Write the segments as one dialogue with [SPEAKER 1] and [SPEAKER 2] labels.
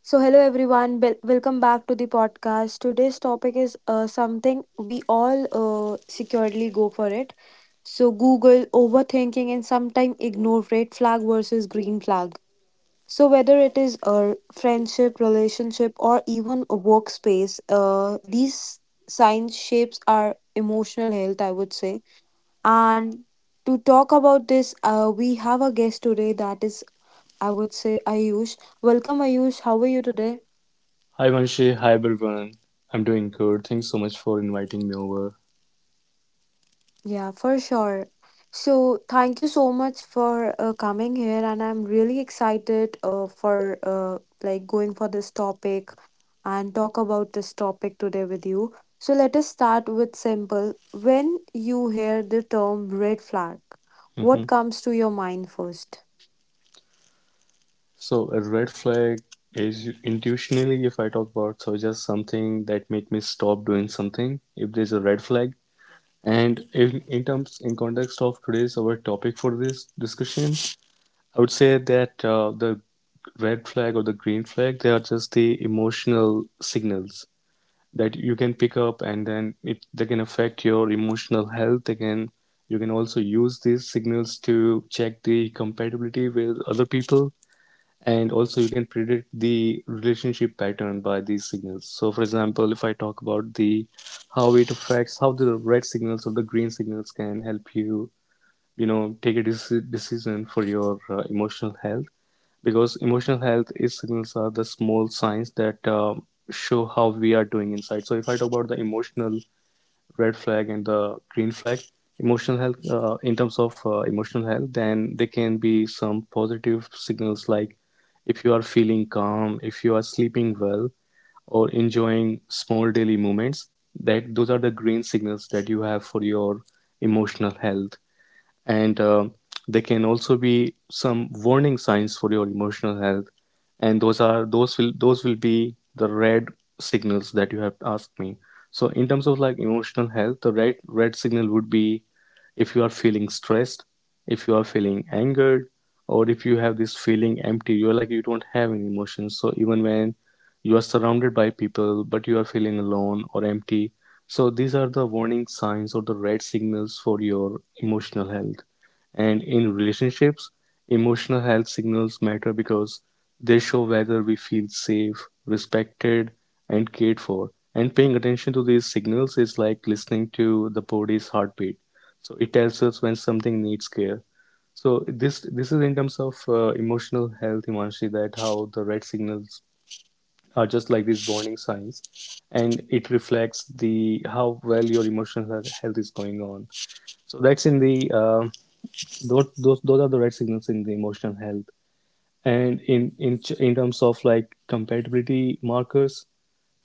[SPEAKER 1] So, hello everyone, Bel welcome back to the podcast. Today's topic is something we all securely go for it. So, Google, overthinking, and sometimes ignore red flag versus green flag. So, whether it is a friendship, relationship, or even a workspace, these signs shapes our emotional health, I would say. And to talk about this, we have a guest today that is, I would say, Ayush. Welcome, Ayush. How are you today?
[SPEAKER 2] Hi Vanshi, hi everyone. I'm doing good. Thanks so much for inviting me over.
[SPEAKER 1] Yeah, for sure. So, thank you so much for coming here, and I'm really excited for like going for this topic and talk about this topic today with you. So, let us start with simple. When you hear the term red flag,
[SPEAKER 2] hmm
[SPEAKER 1] what comes to your mind first?
[SPEAKER 2] So a red flag is intuitionally, if I talk about, so just something that make me stop doing something if there's a red flag. And in terms, in context of today's our topic for this discussion, I would say that the red flag or the green flag, they are just the emotional signals that you can pick up and then it they can affect your emotional health. Again, you can also use these signals to check the compatibility with other people, and also you can predict the relationship pattern by these signals. So for example, if I talk about the how it affects, how the red signals or the green signals can help you, you know, take a decision for your emotional health, because emotional health is signals are the small signs that show how we are doing inside. So if I talk about the emotional red flag and the green flag, emotional health, in terms of emotional health, then there can be some positive signals like if you are feeling calm, if you are sleeping well or enjoying small daily moments. That those are the green signals that you have for your emotional health. And they can also be some warning signs for your emotional health, and those will be the red signals that you have asked me. So in terms of like emotional health, the red signal would be if you are feeling stressed, if you are feeling angered, or if you have this feeling empty, you're like you don't have any emotions. So even when you are surrounded by people, but you are feeling alone or empty, so these are the warning signs or the red signals for your emotional health. And in relationships, emotional health signals matter because they show whether we feel safe, respected and cared for. And paying attention to these signals is like listening to the body's heartbeat, so it tells us when something needs care. So this is in terms of emotional health, Himanshi, that how the red signals are just like these warning signs, and it reflects the how well your emotional health is going on. So that's in the those are the red signals in the emotional health. And in terms of like compatibility markers,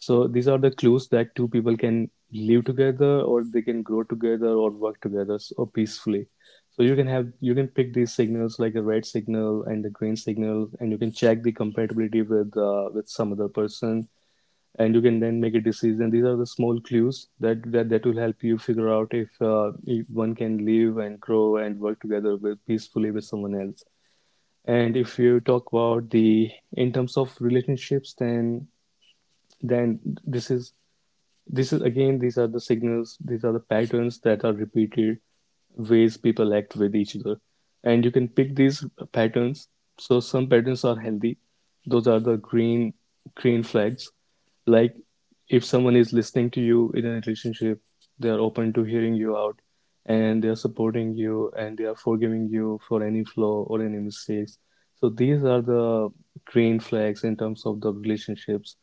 [SPEAKER 2] so these are the clues that two people can live together or they can grow together or work together or peacefully. So you can have, you can pick these signals like the red signal and the green signal, and you can check the compatibility with some other person, and you can then make a decision. These are the small clues that will help you figure out if one can live and grow and work together with peacefully with someone else. And if you talk about the in terms of relationships, then then this is this is again, these are the signals, these are the patterns that are repeated, ways people act with each other. And you can pick these patterns. So some patterns are healthy. Those are the green flags. Like if someone is listening to you in a relationship, they are open to hearing you out, and they are supporting you, and they are forgiving you for any flaw or any mistakes. So these are the green flags in terms of the relationships.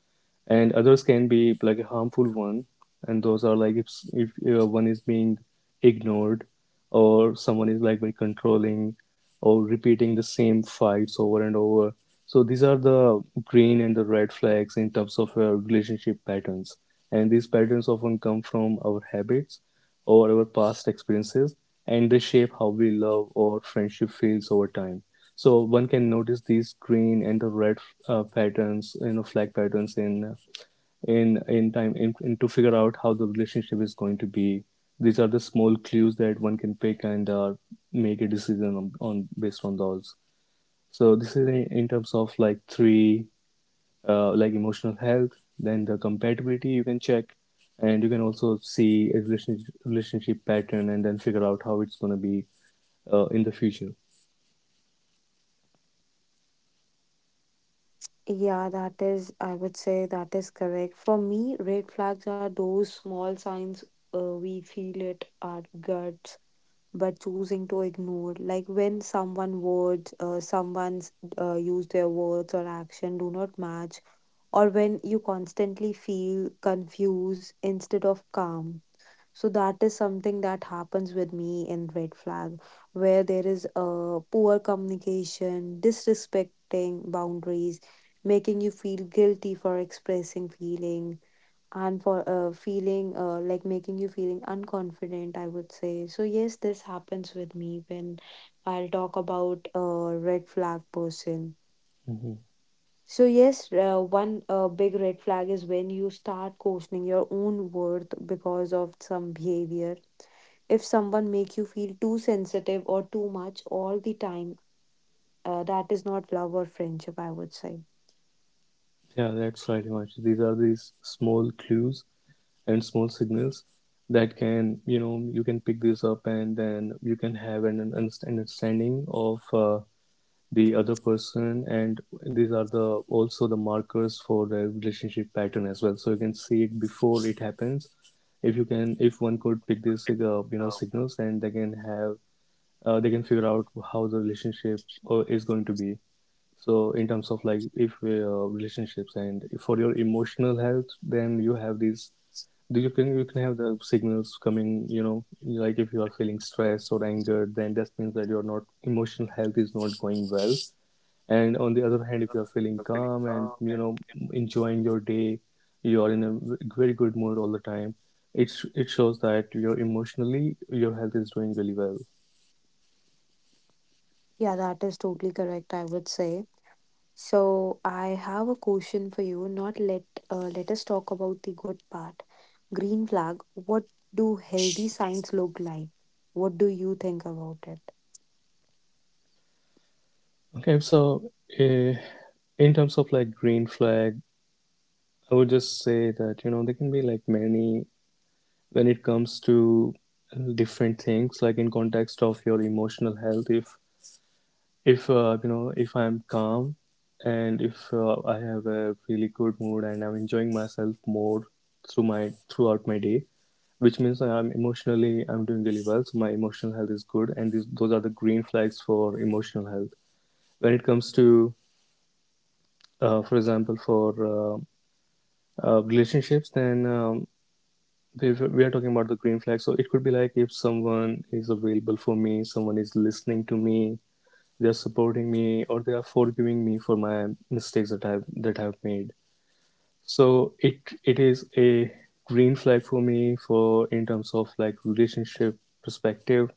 [SPEAKER 2] And others can be like a harmful one, and those are like if one is being ignored, or someone is like very controlling, or repeating the same fights over and over. So these are the green and the red flags in terms of relationship patterns. And these patterns often come from our habits or our past experiences, and they shape how we love or friendship feels over time. So one can notice these green and the red patterns, you know, flag patterns in time in to figure out how the relationship is going to be. These are the small clues that one can pick, and make a decision on based on those. So this is in terms of like three like emotional health, then the compatibility you can check, and you can also see a relationship pattern, and then figure out how it's going to be in the future.
[SPEAKER 1] Yeah, that is, I would say that is correct. For me, red flags are those small signs we feel it at gut but choosing to ignore, like when someone words someone's use their words or action do not match, or when you constantly feel confused instead of calm. So that is something that happens with me in red flag, where there is poor communication, disrespecting boundaries, making you feel guilty for expressing feeling, and for feeling like making you feeling unconfident, I would say. So yes, this happens with me when I'll talk about a red flag person.
[SPEAKER 2] hmm
[SPEAKER 1] So yes, one big red flag is when you start questioning your own worth because of some behavior. If someone make you feel too sensitive or too much all the time, that is not love or friendship, I would say.
[SPEAKER 2] Yeah, that's right, Himanshu. These are these small clues and small signals that can, you know, you can pick this up, and then you can have an understanding of the other person. And these are the also the markers for the relationship pattern as well, so you can see it before it happens. If you can, if one could pick these you know signals, and they can have they can figure out how the relationship is going to be. So in terms of like if relationships and for your emotional health, then you have these, you can, you can have the signals coming, you know, like if you are feeling stressed or angered, then that means that your not emotional health is not going well. And on the other hand, if you are feeling calm and, you know, enjoying your day, you are in a very good mood all the time. It's it shows that you're emotionally your health is doing really well.
[SPEAKER 1] Yeah, that is totally correct, I would say. So I have a question for you. Not let Let us talk about the good part. Green flag. What do healthy signs look like? What do you think about it?
[SPEAKER 2] Okay, so uh, in terms of like green flag, I would just say that, you know, there can be like many when it comes to different things. Like in context of your emotional health, if you know, if I'm calm, and if I have a really good mood, and I'm enjoying myself more throughout my day, which means I'm emotionally I'm doing really well, so my emotional health is good. And those are the green flags for emotional health. When it comes to for example, for relationships, then if we are talking about the green flag, so it could be like if someone is available for me, someone is listening to me, they are supporting me, or they are forgiving me for my mistakes that I've made. So it is a green flag for me for in terms of like relationship perspective.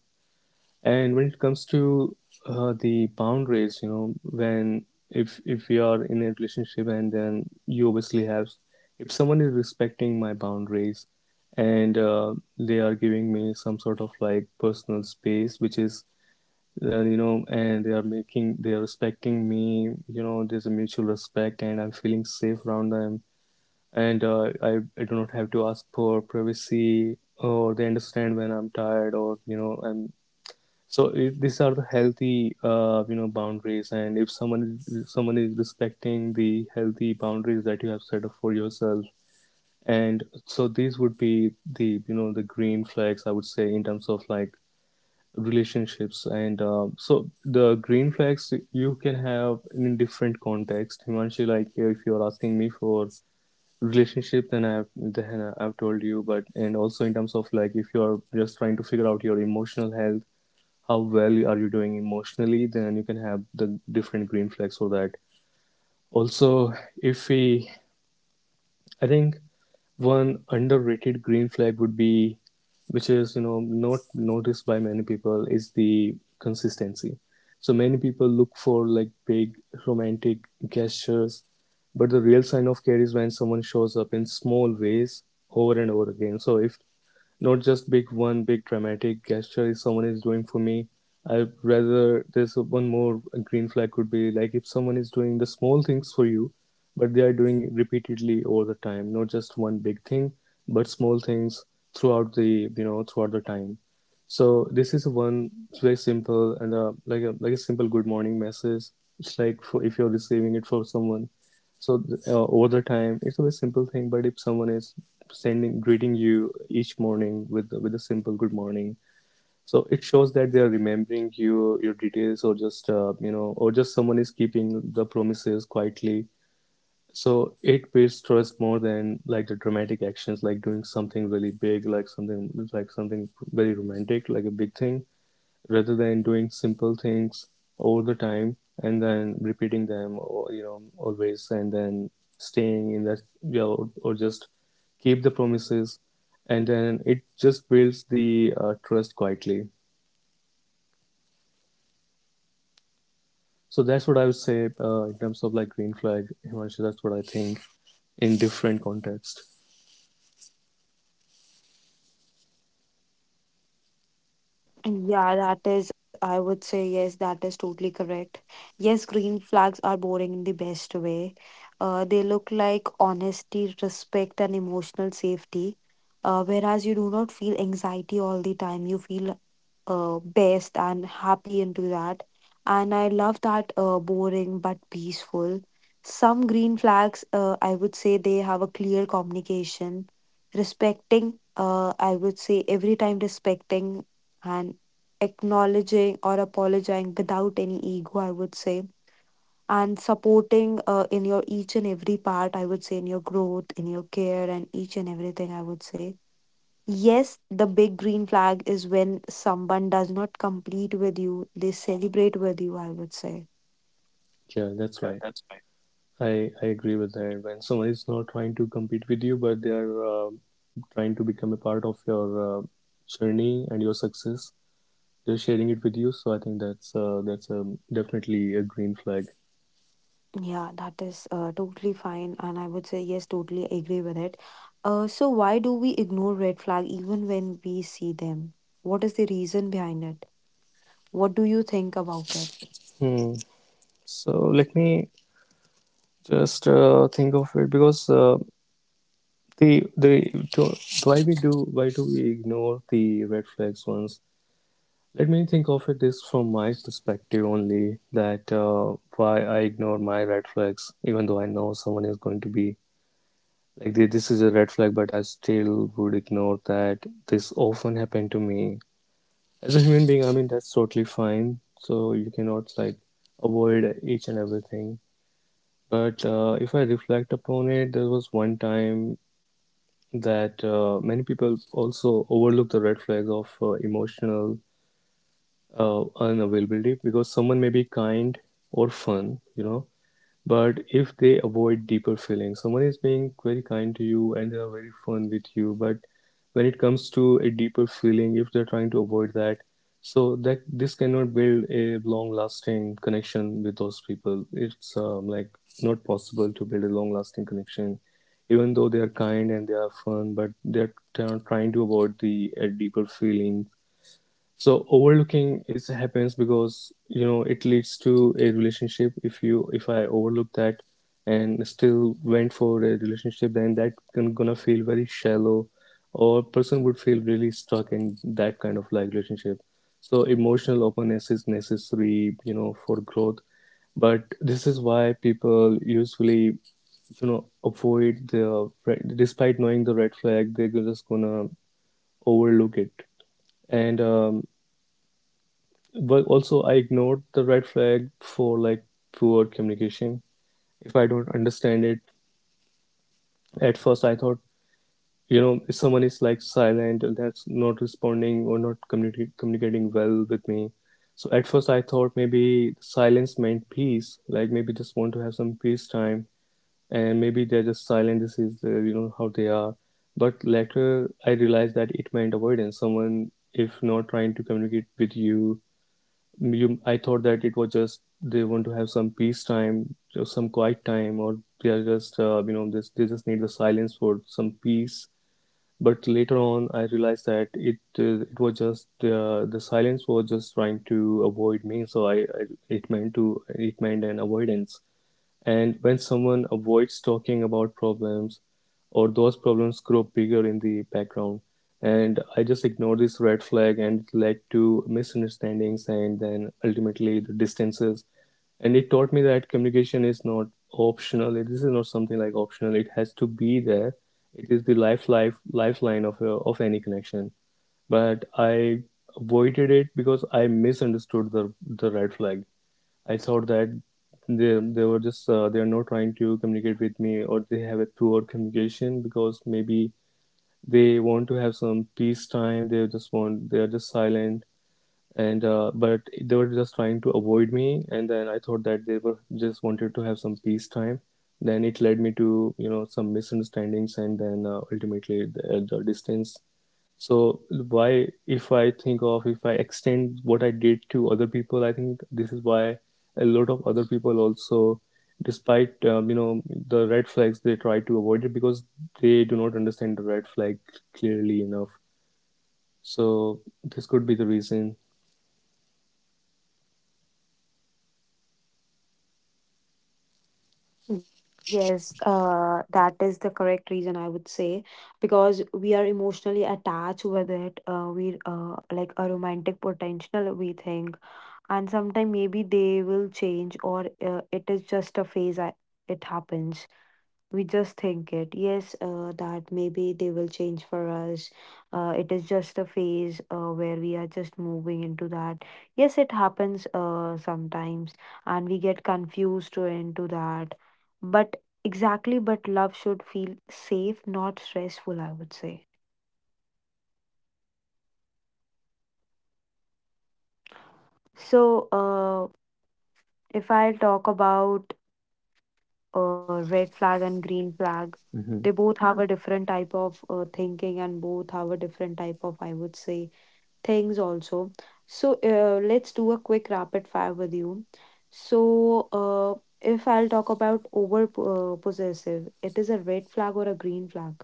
[SPEAKER 2] And when it comes to the boundaries, you know, when if we are in a relationship, and then you obviously have, if someone is respecting my boundaries, and they are giving me some sort of like personal space, which is you know, and they are respecting me, you know, there's a mutual respect and I'm feeling safe around them. And I do not have to ask for privacy, or they understand when I'm tired, or you know, I'm so these are the healthy you know, boundaries. And if someone is respecting the healthy boundaries that you have set up for yourself. And so these would be the, you know, the green flags, I would say, in terms of like relationships. And so the green flags you can have in different context, Himanshi. Like if you're asking me for relationship, then I have then I've told you. But and also in terms of like, if you're just trying to figure out your emotional health, how well are you doing emotionally, then you can have the different green flags for that also. If we i think one underrated green flag would be, which is you know not noticed by many people, is the consistency. So many people look for like big romantic gestures, but the real sign of care is when someone shows up in small ways over and over again. So if not just big one big dramatic gesture if someone is doing for me. I'd rather there's one more green flag could be like if someone is doing the small things for you, but they are doing it repeatedly all the time, not just one big thing, but small things throughout the, you know, throughout the time. So this is one, it's very simple, and like a simple good morning message. It's like for if you're receiving it for someone, so over the time it's a very simple thing. But if someone is sending greeting you each morning with a simple good morning, so it shows that they are remembering you, your details, or just or just someone is keeping the promises quietly. So it builds trust more than like the dramatic actions, like doing something really big, like something very romantic, like a big thing, rather than doing simple things all the time and then repeating them, or always, and then staying in that, yeah, or just keep the promises, and then it just builds the trust quietly. So that's what I would say, in terms of like green flag, Himanshu. That's what I think, in different context.
[SPEAKER 1] Yeah, that is, I would say, yes, that is totally correct. Yes, green flags are boring in the best way. They look like honesty, respect, and emotional safety. Whereas you do not feel anxiety all the time, you feel best and happy into that. And I love that, boring but peaceful. Some green flags, I would say, they have a clear communication, respecting, I would say, every time respecting, and acknowledging or apologizing without any ego, I would say, and supporting in your each and every part, I would say, in your growth, in your care, and each and everything, I would say. Yes, the big green flag is when someone does not complete with you, they celebrate with you, I would say.
[SPEAKER 2] Yeah, that's right. I agree with that. When someone is not trying to compete with you, but they are trying to become a part of your journey and your success, just sharing it with you. So I think that's definitely a green flag.
[SPEAKER 1] Yeah, that is totally fine, and I would say, yes, totally agree with it. So, why do we ignore red flag even when we see them? What is the reason behind it? What do you think about it?
[SPEAKER 2] Hmm. So let me just think of it, because the the to, why we do, why do we ignore the red flags ones? Let me think of it this from my perspective only, that why I ignore my red flags even though I know someone is going to be like, this is a red flag, but I still would ignore that. This often happened to me. As a human being, I mean, that's totally fine. So you cannot like avoid each and everything. But if I reflect upon it, there was one time that many people also overlook the red flags of emotional unavailability, because someone may be kind or fun, you know, but if they avoid deeper feelings, someone is being very kind to you and they are very fun with you. But when it comes to a deeper feeling, if they're trying to avoid that, so that this cannot build a long-lasting connection with those people. It's like not possible to build a long-lasting connection, even though they are kind and they are fun, but they're trying to avoid the deeper feeling. So overlooking is happens because, you know, it leads to a relationship. If you if I overlook that and still went for a relationship, then that can gonna feel very shallow, or person would feel really stuck in that kind of like relationship. So emotional openness is necessary, you know, for growth. But this is why people usually, you know, avoid the, despite knowing the red flag, they're just gonna overlook it. And but also, I ignored the red flag for like poor communication. If I don't understand it, at first I thought, you know, if someone is like silent, that's not responding or not communicating well with me. So at first I thought maybe silence meant peace, like maybe just want to have some peace time, and maybe they're just silent. This is the, you know, how they are. But later I realized that it meant avoidance. Someone, if not trying to communicate with you. You, I thought that it was just they want to have some peace time, just some quiet time, or they are just you know this they just need the silence for some peace. But later on, I realized that it was just the silence was just trying to avoid me. So I it meant to, it meant an avoidance. And when someone avoids talking about problems, or those problems grow bigger in the background, and I just ignore this red flag, and it led to misunderstandings and then ultimately the distances. And it taught me that communication is not optional. This is not something like optional. It has to be there. It is the lifeline of a, of any connection. But I avoided it because I misunderstood the red flag. I thought that they were just they are not trying to communicate with me, or they have a poor communication because maybe they want to have some peace time. They just want, they are just silent and but they were just trying to avoid me. And then I thought that they were just wanted to have some peace time. Then it led me to, you know, some misunderstandings and then ultimately the distance. So why, if I think of, if I extend what I did to other people, I think this is why a lot of other people also, despite you know, the red flags, they try to avoid it because they do not understand the red flag clearly enough. So this could be the reason.
[SPEAKER 1] Yes, that is the correct reason I would say, because we are emotionally attached with it. We like a romantic potential, we think, and sometime maybe they will change, or it is just a phase. It happens, we just think it. Yes, that maybe they will change for us, it is just a phase where we are just moving into that. Yes, it happens sometimes, and we get confused to into that. But exactly, but love should feel safe, not stressful, I would say. So if I talk about red flag and green flag, they
[SPEAKER 2] Hmm.
[SPEAKER 1] both have a different type of thinking, and both have a different type of, I would say, things also. So let's do a quick rapid fire with you. So if I'll talk about over possessive, it is a red flag or a green flag.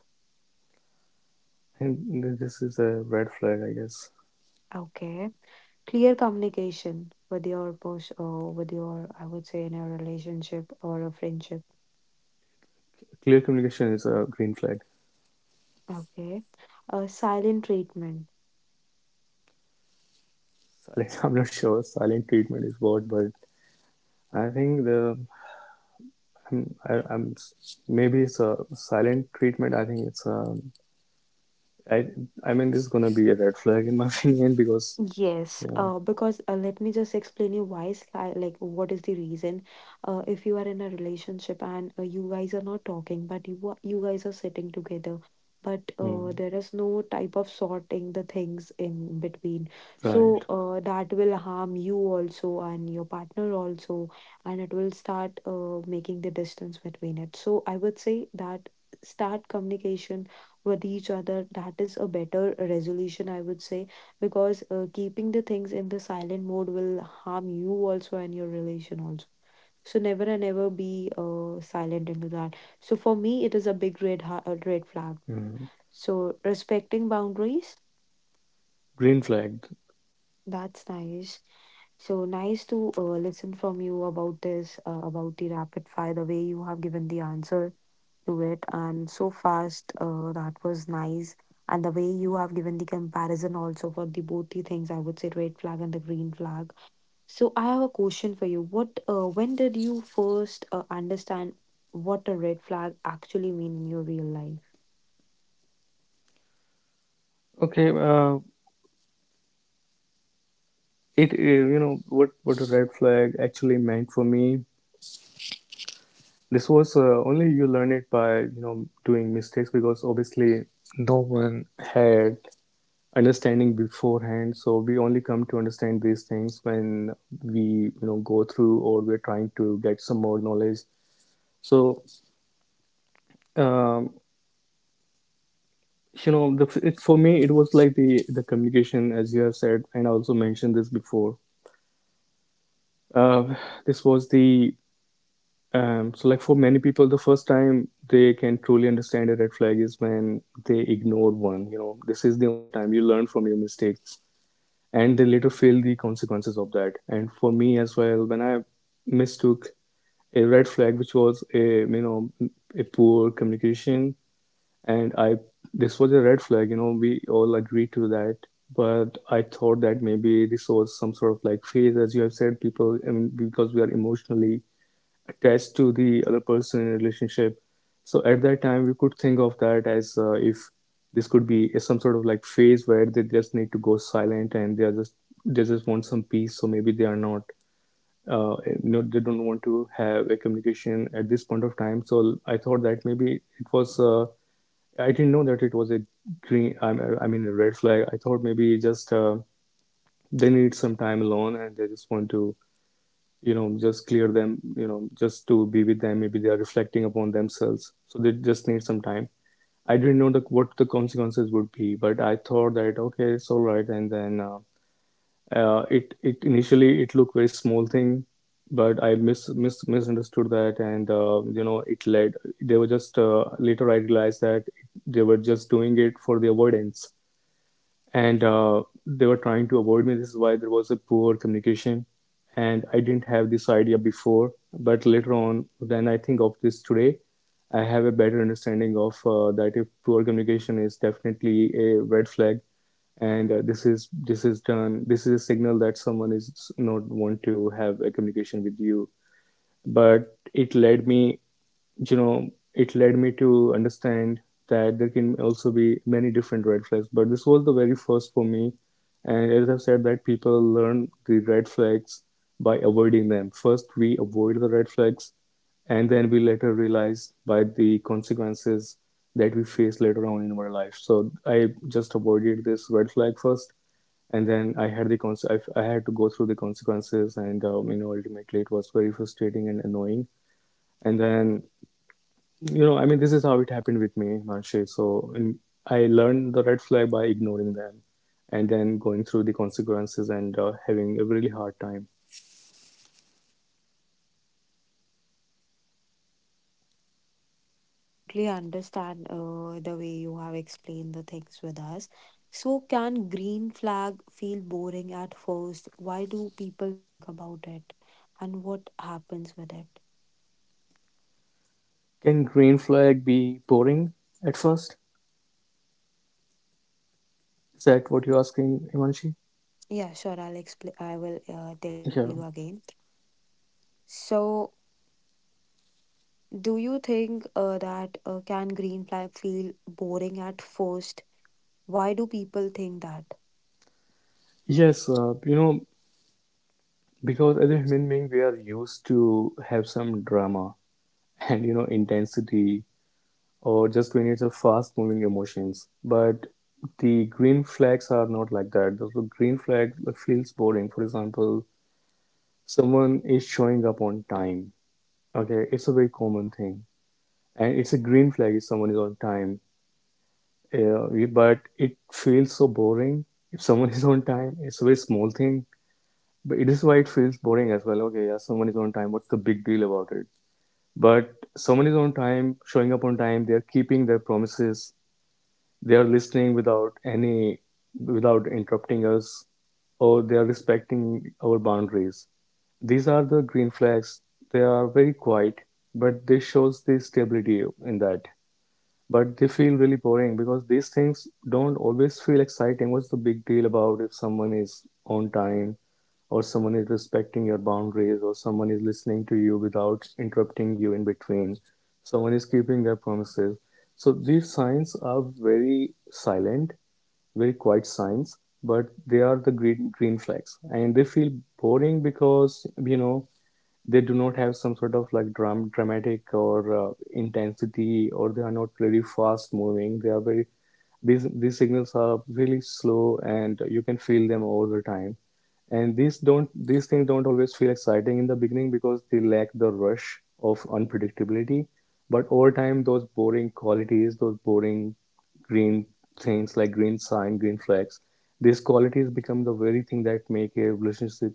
[SPEAKER 2] And this is a red flag, I guess.
[SPEAKER 1] Okay. Clear communication with your with your, I would say, in a relationship or a friendship.
[SPEAKER 2] Clear communication is a green flag.
[SPEAKER 1] Okay. Silent treatment.
[SPEAKER 2] Silent, I'm not sure silent treatment is what, but I think the, I'm maybe it's a silent treatment. I think it's a. I I mean, this is gonna be a red flag in my opinion because,
[SPEAKER 1] Yes,
[SPEAKER 2] you
[SPEAKER 1] because let me just explain you why, like, what is the reason? If you are in a relationship and you guys are not talking, but you are, you guys are sitting together, but
[SPEAKER 2] know. Hmm,
[SPEAKER 1] there is no type of sorting the things in between.
[SPEAKER 2] right.
[SPEAKER 1] So that will harm you also and your partner also, and it will start making the distance between it. So I would say that, start communication with each other. That is a better resolution, I would say, because keeping the things in the silent mode will harm you also and your relation also. So never and ever be silent into that. So for me, it is a big red flag.
[SPEAKER 2] Hmm,
[SPEAKER 1] So respecting boundaries,
[SPEAKER 2] green flagged.
[SPEAKER 1] that's nice. So nice to listen from you about this, about the rapid fire, the way you have given the answer to it and so fast, that was nice, and the way you have given the comparison also for the both the things, I would say, red flag and the green flag. So I have a question for you. What, when did you first understand what a red flag actually mean in your real life?
[SPEAKER 2] Okay, it, you know what a red flag actually meant for me. This was only, you learn it by, you know, doing mistakes, because obviously no one had understanding beforehand. So we only come to understand these things when we, you know, go through or we're trying to get some more knowledge. So um, you know, the, it, for me it was like the communication, as you have said, and I also mentioned this before. uh, this was the, so like, for many people the first time they can truly understand a red flag is when they ignore one. You know, this is the only time you learn from your mistakes, and they later feel the consequences of that. And for me as well, when I mistook a red flag, which was a, you know, a poor communication, and I, this was a red flag. You know, we all agreed to that, but I thought that maybe this was some sort of like phase, as you have said, people. I mean, because we are emotionally attached to the other person in a relationship. So at that time, we could think of that as, if this could be some sort of like phase where they just need to go silent and they are just, they just want some peace. So maybe they are not no, they don't want to have a communication at this point of time. So I thought that maybe it was. I didn't know that it was a green. I mean a red flag. I thought maybe just they need some time alone and they just want to, you know, just clear them, you know, just to be with them, maybe they are reflecting upon themselves, so they just need some time. I didn't know the, what the consequences would be, but I thought that okay, it's all right, and then it, it initially it looked very small thing, but I misunderstood that, and you know, it led, they were just later I realized that they were just doing it for the avoidance, and they were trying to avoid me. This is why there was a poor communication, and I didn't have this idea before. But later on, when I think of this today, I have a better understanding of that. If poor communication is definitely a red flag, and this is, this is done. This is a signal that someone is not want to have a communication with you. But it led me, you know, it led me to understand that there can also be many different red flags. But this was the very first for me. And as I've said, that people learn the red flags by avoiding them. First, we avoid the red flags, and then we later realize by the consequences that we face later on in our life. So I just avoided this red flag first, and then I had the I had to go through the consequences, and you know, ultimately it was very frustrating and annoying. And then, you know, I mean, this is how it happened with me, Manshi. So in, I learned the red flag by ignoring them and then going through the consequences and having a really hard time.
[SPEAKER 1] Yeah, I totally understand the way you have explained the things with us. So, can green flag feel boring at first? Why do people think about it? And what happens with it?
[SPEAKER 2] Can green flag be boring at first? Is that what you're asking, Himanshi?
[SPEAKER 1] Yeah, sure, I'll explain. I will tell you
[SPEAKER 2] Yeah.
[SPEAKER 1] again. So, do you think that can green flag feel boring at first? Why do people think that?
[SPEAKER 2] Yes, you know, because as a human being, we are used to have some drama and, you know, intensity, or just when it's a fast moving emotions. But the green flags are not like that. The green flag feels boring. For example, someone is showing up on time. Okay, it's a very common thing, and it's a green flag if someone is on time. Uh, but it feels so boring if someone is on time. It's a very small thing, but it is why it feels boring as well. Okay, yeah, someone is on time. What's the big deal about it? But someone is on time, showing up on time. They are keeping their promises. They are listening without any, without interrupting us, or they are respecting our boundaries. These are the green flags. They are very quiet, but they shows the stability in that. But they feel really boring because these things don't always feel exciting. What's the big deal about if someone is on time or someone is respecting your boundaries, or someone is listening to you without interrupting you in between, someone is keeping their promises. So these signs are very silent, very quiet signs, but they are the green flags, and they feel boring because they do not have some sort of like dramatic or intensity, or they are not very fast moving. They are very these signals are really slow, and you can feel them all the time. And these things don't always feel exciting in the beginning because they lack the rush of unpredictability. But over time, those boring qualities, those boring green things like green sign, green flags, these qualities become the very thing that make a relationship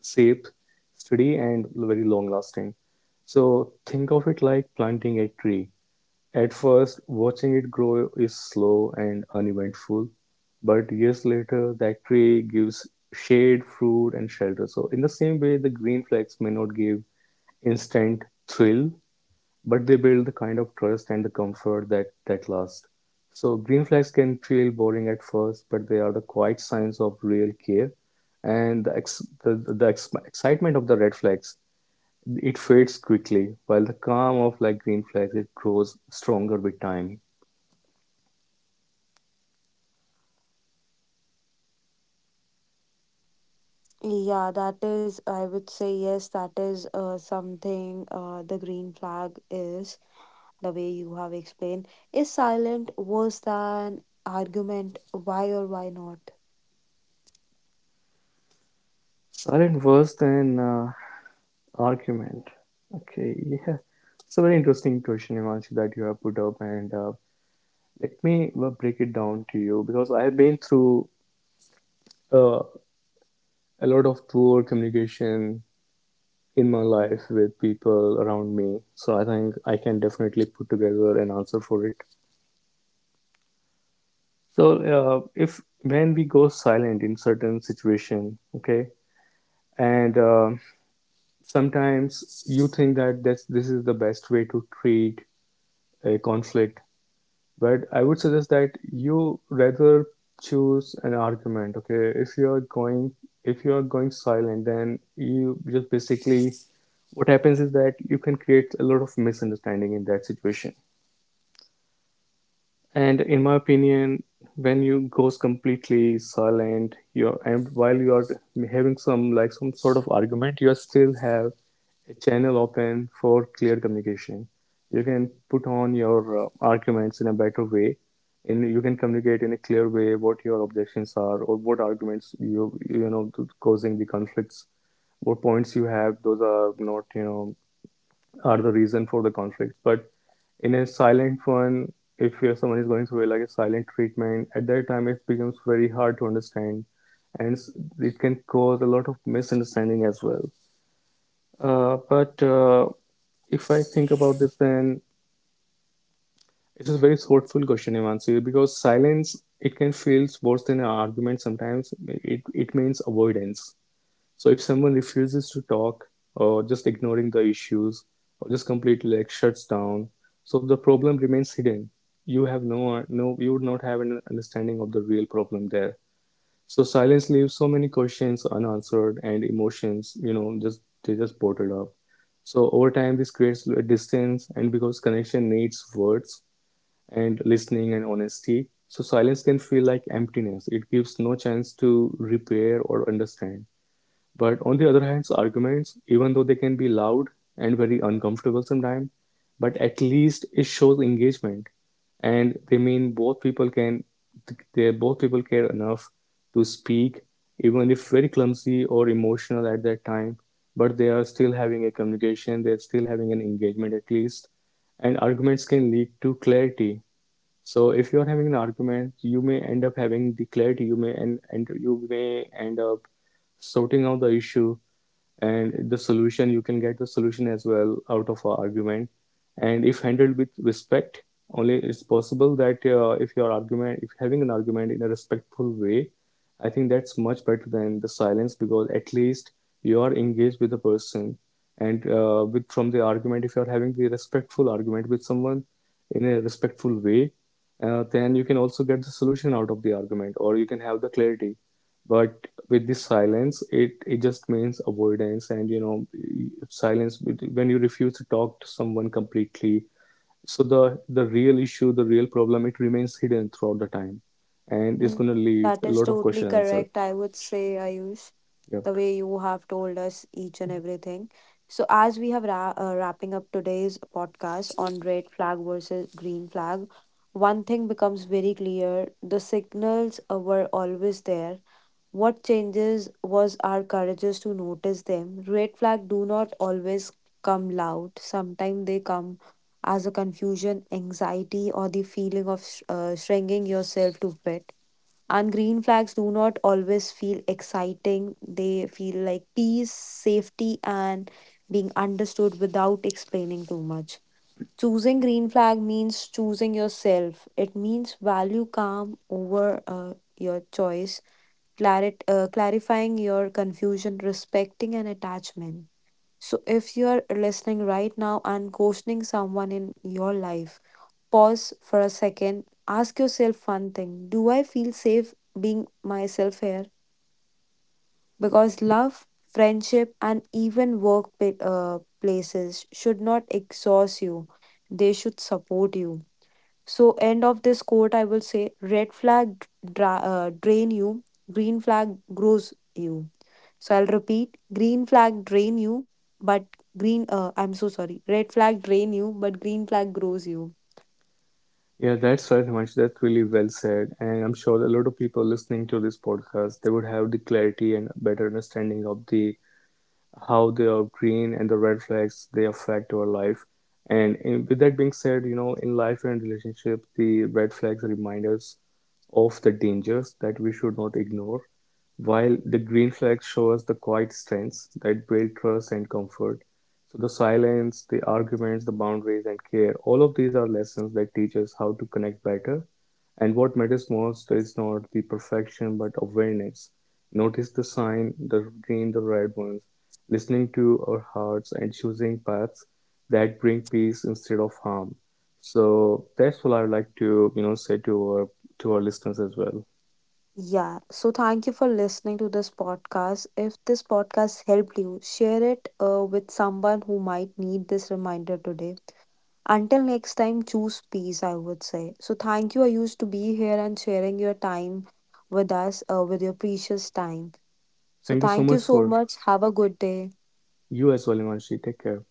[SPEAKER 2] safe, steady, and very long lasting. So think of it like planting a tree. At first, watching it grow is slow and uneventful, but years later, that tree gives shade, fruit, and shelter. So, in the same way, the green flags may not give instant thrill, but they build the kind of trust and the comfort that lasts. So, green flags can feel boring at first, but they are the quiet signs of real care. And the ex- excitement of the red flags, it fades quickly, while the calm of like green flags, it grows stronger with time.
[SPEAKER 1] Yeah, that is, I would say, yes, that is something the green flag is, the way you have explained, is silent worse than argument, why or why not?
[SPEAKER 2] Aren't worse than argument. Okay, yeah. It's a very interesting question, Imanshi, that you have put up, and let me break it down to you because I have been through uh, a lot of poor communication in my life with people around me. So I think I can definitely put together an answer for it. So if when we go silent in certain situation, okay, and sometimes you think that this is the best way to treat a conflict. But I would suggest that you rather choose an argument. Okay, if you are going silent, then you just basically what happens is that you can create a lot of misunderstanding in that situation. And in my opinion, when you goes completely silent, you're and while you are having some like some sort of argument, you still have a channel open for clear communication. You can put on your arguments in a better way, and you can communicate in a clear way what your objections are or what arguments you you know causing the conflicts. What points you have, those are not are the reason for the conflict. But in a silent one, if someone is going through like a silent treatment, at that time it becomes very hard to understand, and it can cause a lot of misunderstanding as well. But if I think about this, then it is a very thoughtful question, Imansi, because silence it can feel worse than an argument sometimes. It means avoidance. So if someone refuses to talk or just ignoring the issues or just completely like shuts down, so the problem remains hidden. You have no you would not have an understanding of the real problem there. So silence leaves so many questions unanswered and emotions, you know, just they just bottled up. So over time this creates a distance and because connection needs words and listening and honesty. So silence can feel like emptiness. It gives no chance to repair or understand. But on the other hand, so arguments, even though they can be loud and very uncomfortable sometimes, but at least it shows engagement, and they both people care enough to speak, even if very clumsy or emotional at that time. But they are still having a communication. They're still having an engagement at least, and arguments can lead to clarity. So if you are having an argument, you may end up having declared, you may and you may end up sorting out the issue and the solution you can get the solution as well out of an argument. And if handled with respect only, it's possible that if your argument if having an argument in a respectful way, I think that's much better than the silence because at least you are engaged with the person. And with from the argument, if you're having the respectful argument with someone in a respectful way, then you can also get the solution out of the argument or you can have the clarity. But with this silence, it just means avoidance. And silence, when you refuse to talk to someone completely, so the real issue the real problem, it remains hidden throughout the time, and it's going
[SPEAKER 1] That
[SPEAKER 2] to
[SPEAKER 1] is
[SPEAKER 2] leave a
[SPEAKER 1] totally
[SPEAKER 2] lot of
[SPEAKER 1] correct,
[SPEAKER 2] questions
[SPEAKER 1] I would
[SPEAKER 2] answered.
[SPEAKER 1] say, Ayush, the way
[SPEAKER 2] Yep.
[SPEAKER 1] you have told us each and everything. So, as we have wrapping up today's podcast on red flag versus green flag, one thing becomes very clear: the signals were always there. What changes was our courageous to notice them. Red flag do not always come loud. Sometimes they come as a confusion, anxiety, or the feeling of shrinking yourself to fit, and green flags do not always feel exciting. They feel like peace, safety, and being understood without explaining too much. Choosing green flag means choosing yourself. It means value calm over your choice, clarifying your confusion, respecting an attachment. So, if you are listening right now and questioning someone in your life, pause for a second. Ask yourself one thing: do I feel safe being myself here? Because love, friendship, and even places should not exhaust you, they should support you. So, end of this quote, I will say red flag drain you, green flag grows you. So, I'll repeat, green flag drain you, but green, I'm so sorry, red flag drain you, but green flag grows you.
[SPEAKER 2] Yeah, that's right, Himanshu. That's really well said, and I'm sure a lot of people listening to this podcast they would have the clarity and better understanding of the how the green and the red flags they affect our life. With that being said, you know, in life and relationship, the red flags remind us of the dangers that we should not ignore, while the green flags show us the quiet strengths that build trust and comfort. So the silence, the arguments, the boundaries, and care, all of these are lessons that teach us how to connect better. And what matters most is not the perfection but awareness. Notice the sign, the green, the red ones, listening to our hearts and choosing paths that bring peace instead of harm. So that's what I'd like to, you know, say to our listeners as well.
[SPEAKER 1] Yeah, so thank you for listening to this podcast. If this podcast helped you, share it with someone who might need this reminder today. Until next time, choose peace, I would say. So thank you, Ayush, to be here and sharing your time with us, with your precious time. So
[SPEAKER 2] Thank you so
[SPEAKER 1] thank you
[SPEAKER 2] much
[SPEAKER 1] so
[SPEAKER 2] for
[SPEAKER 1] much. Have a good day.
[SPEAKER 2] you as well, Imanshi. Take care.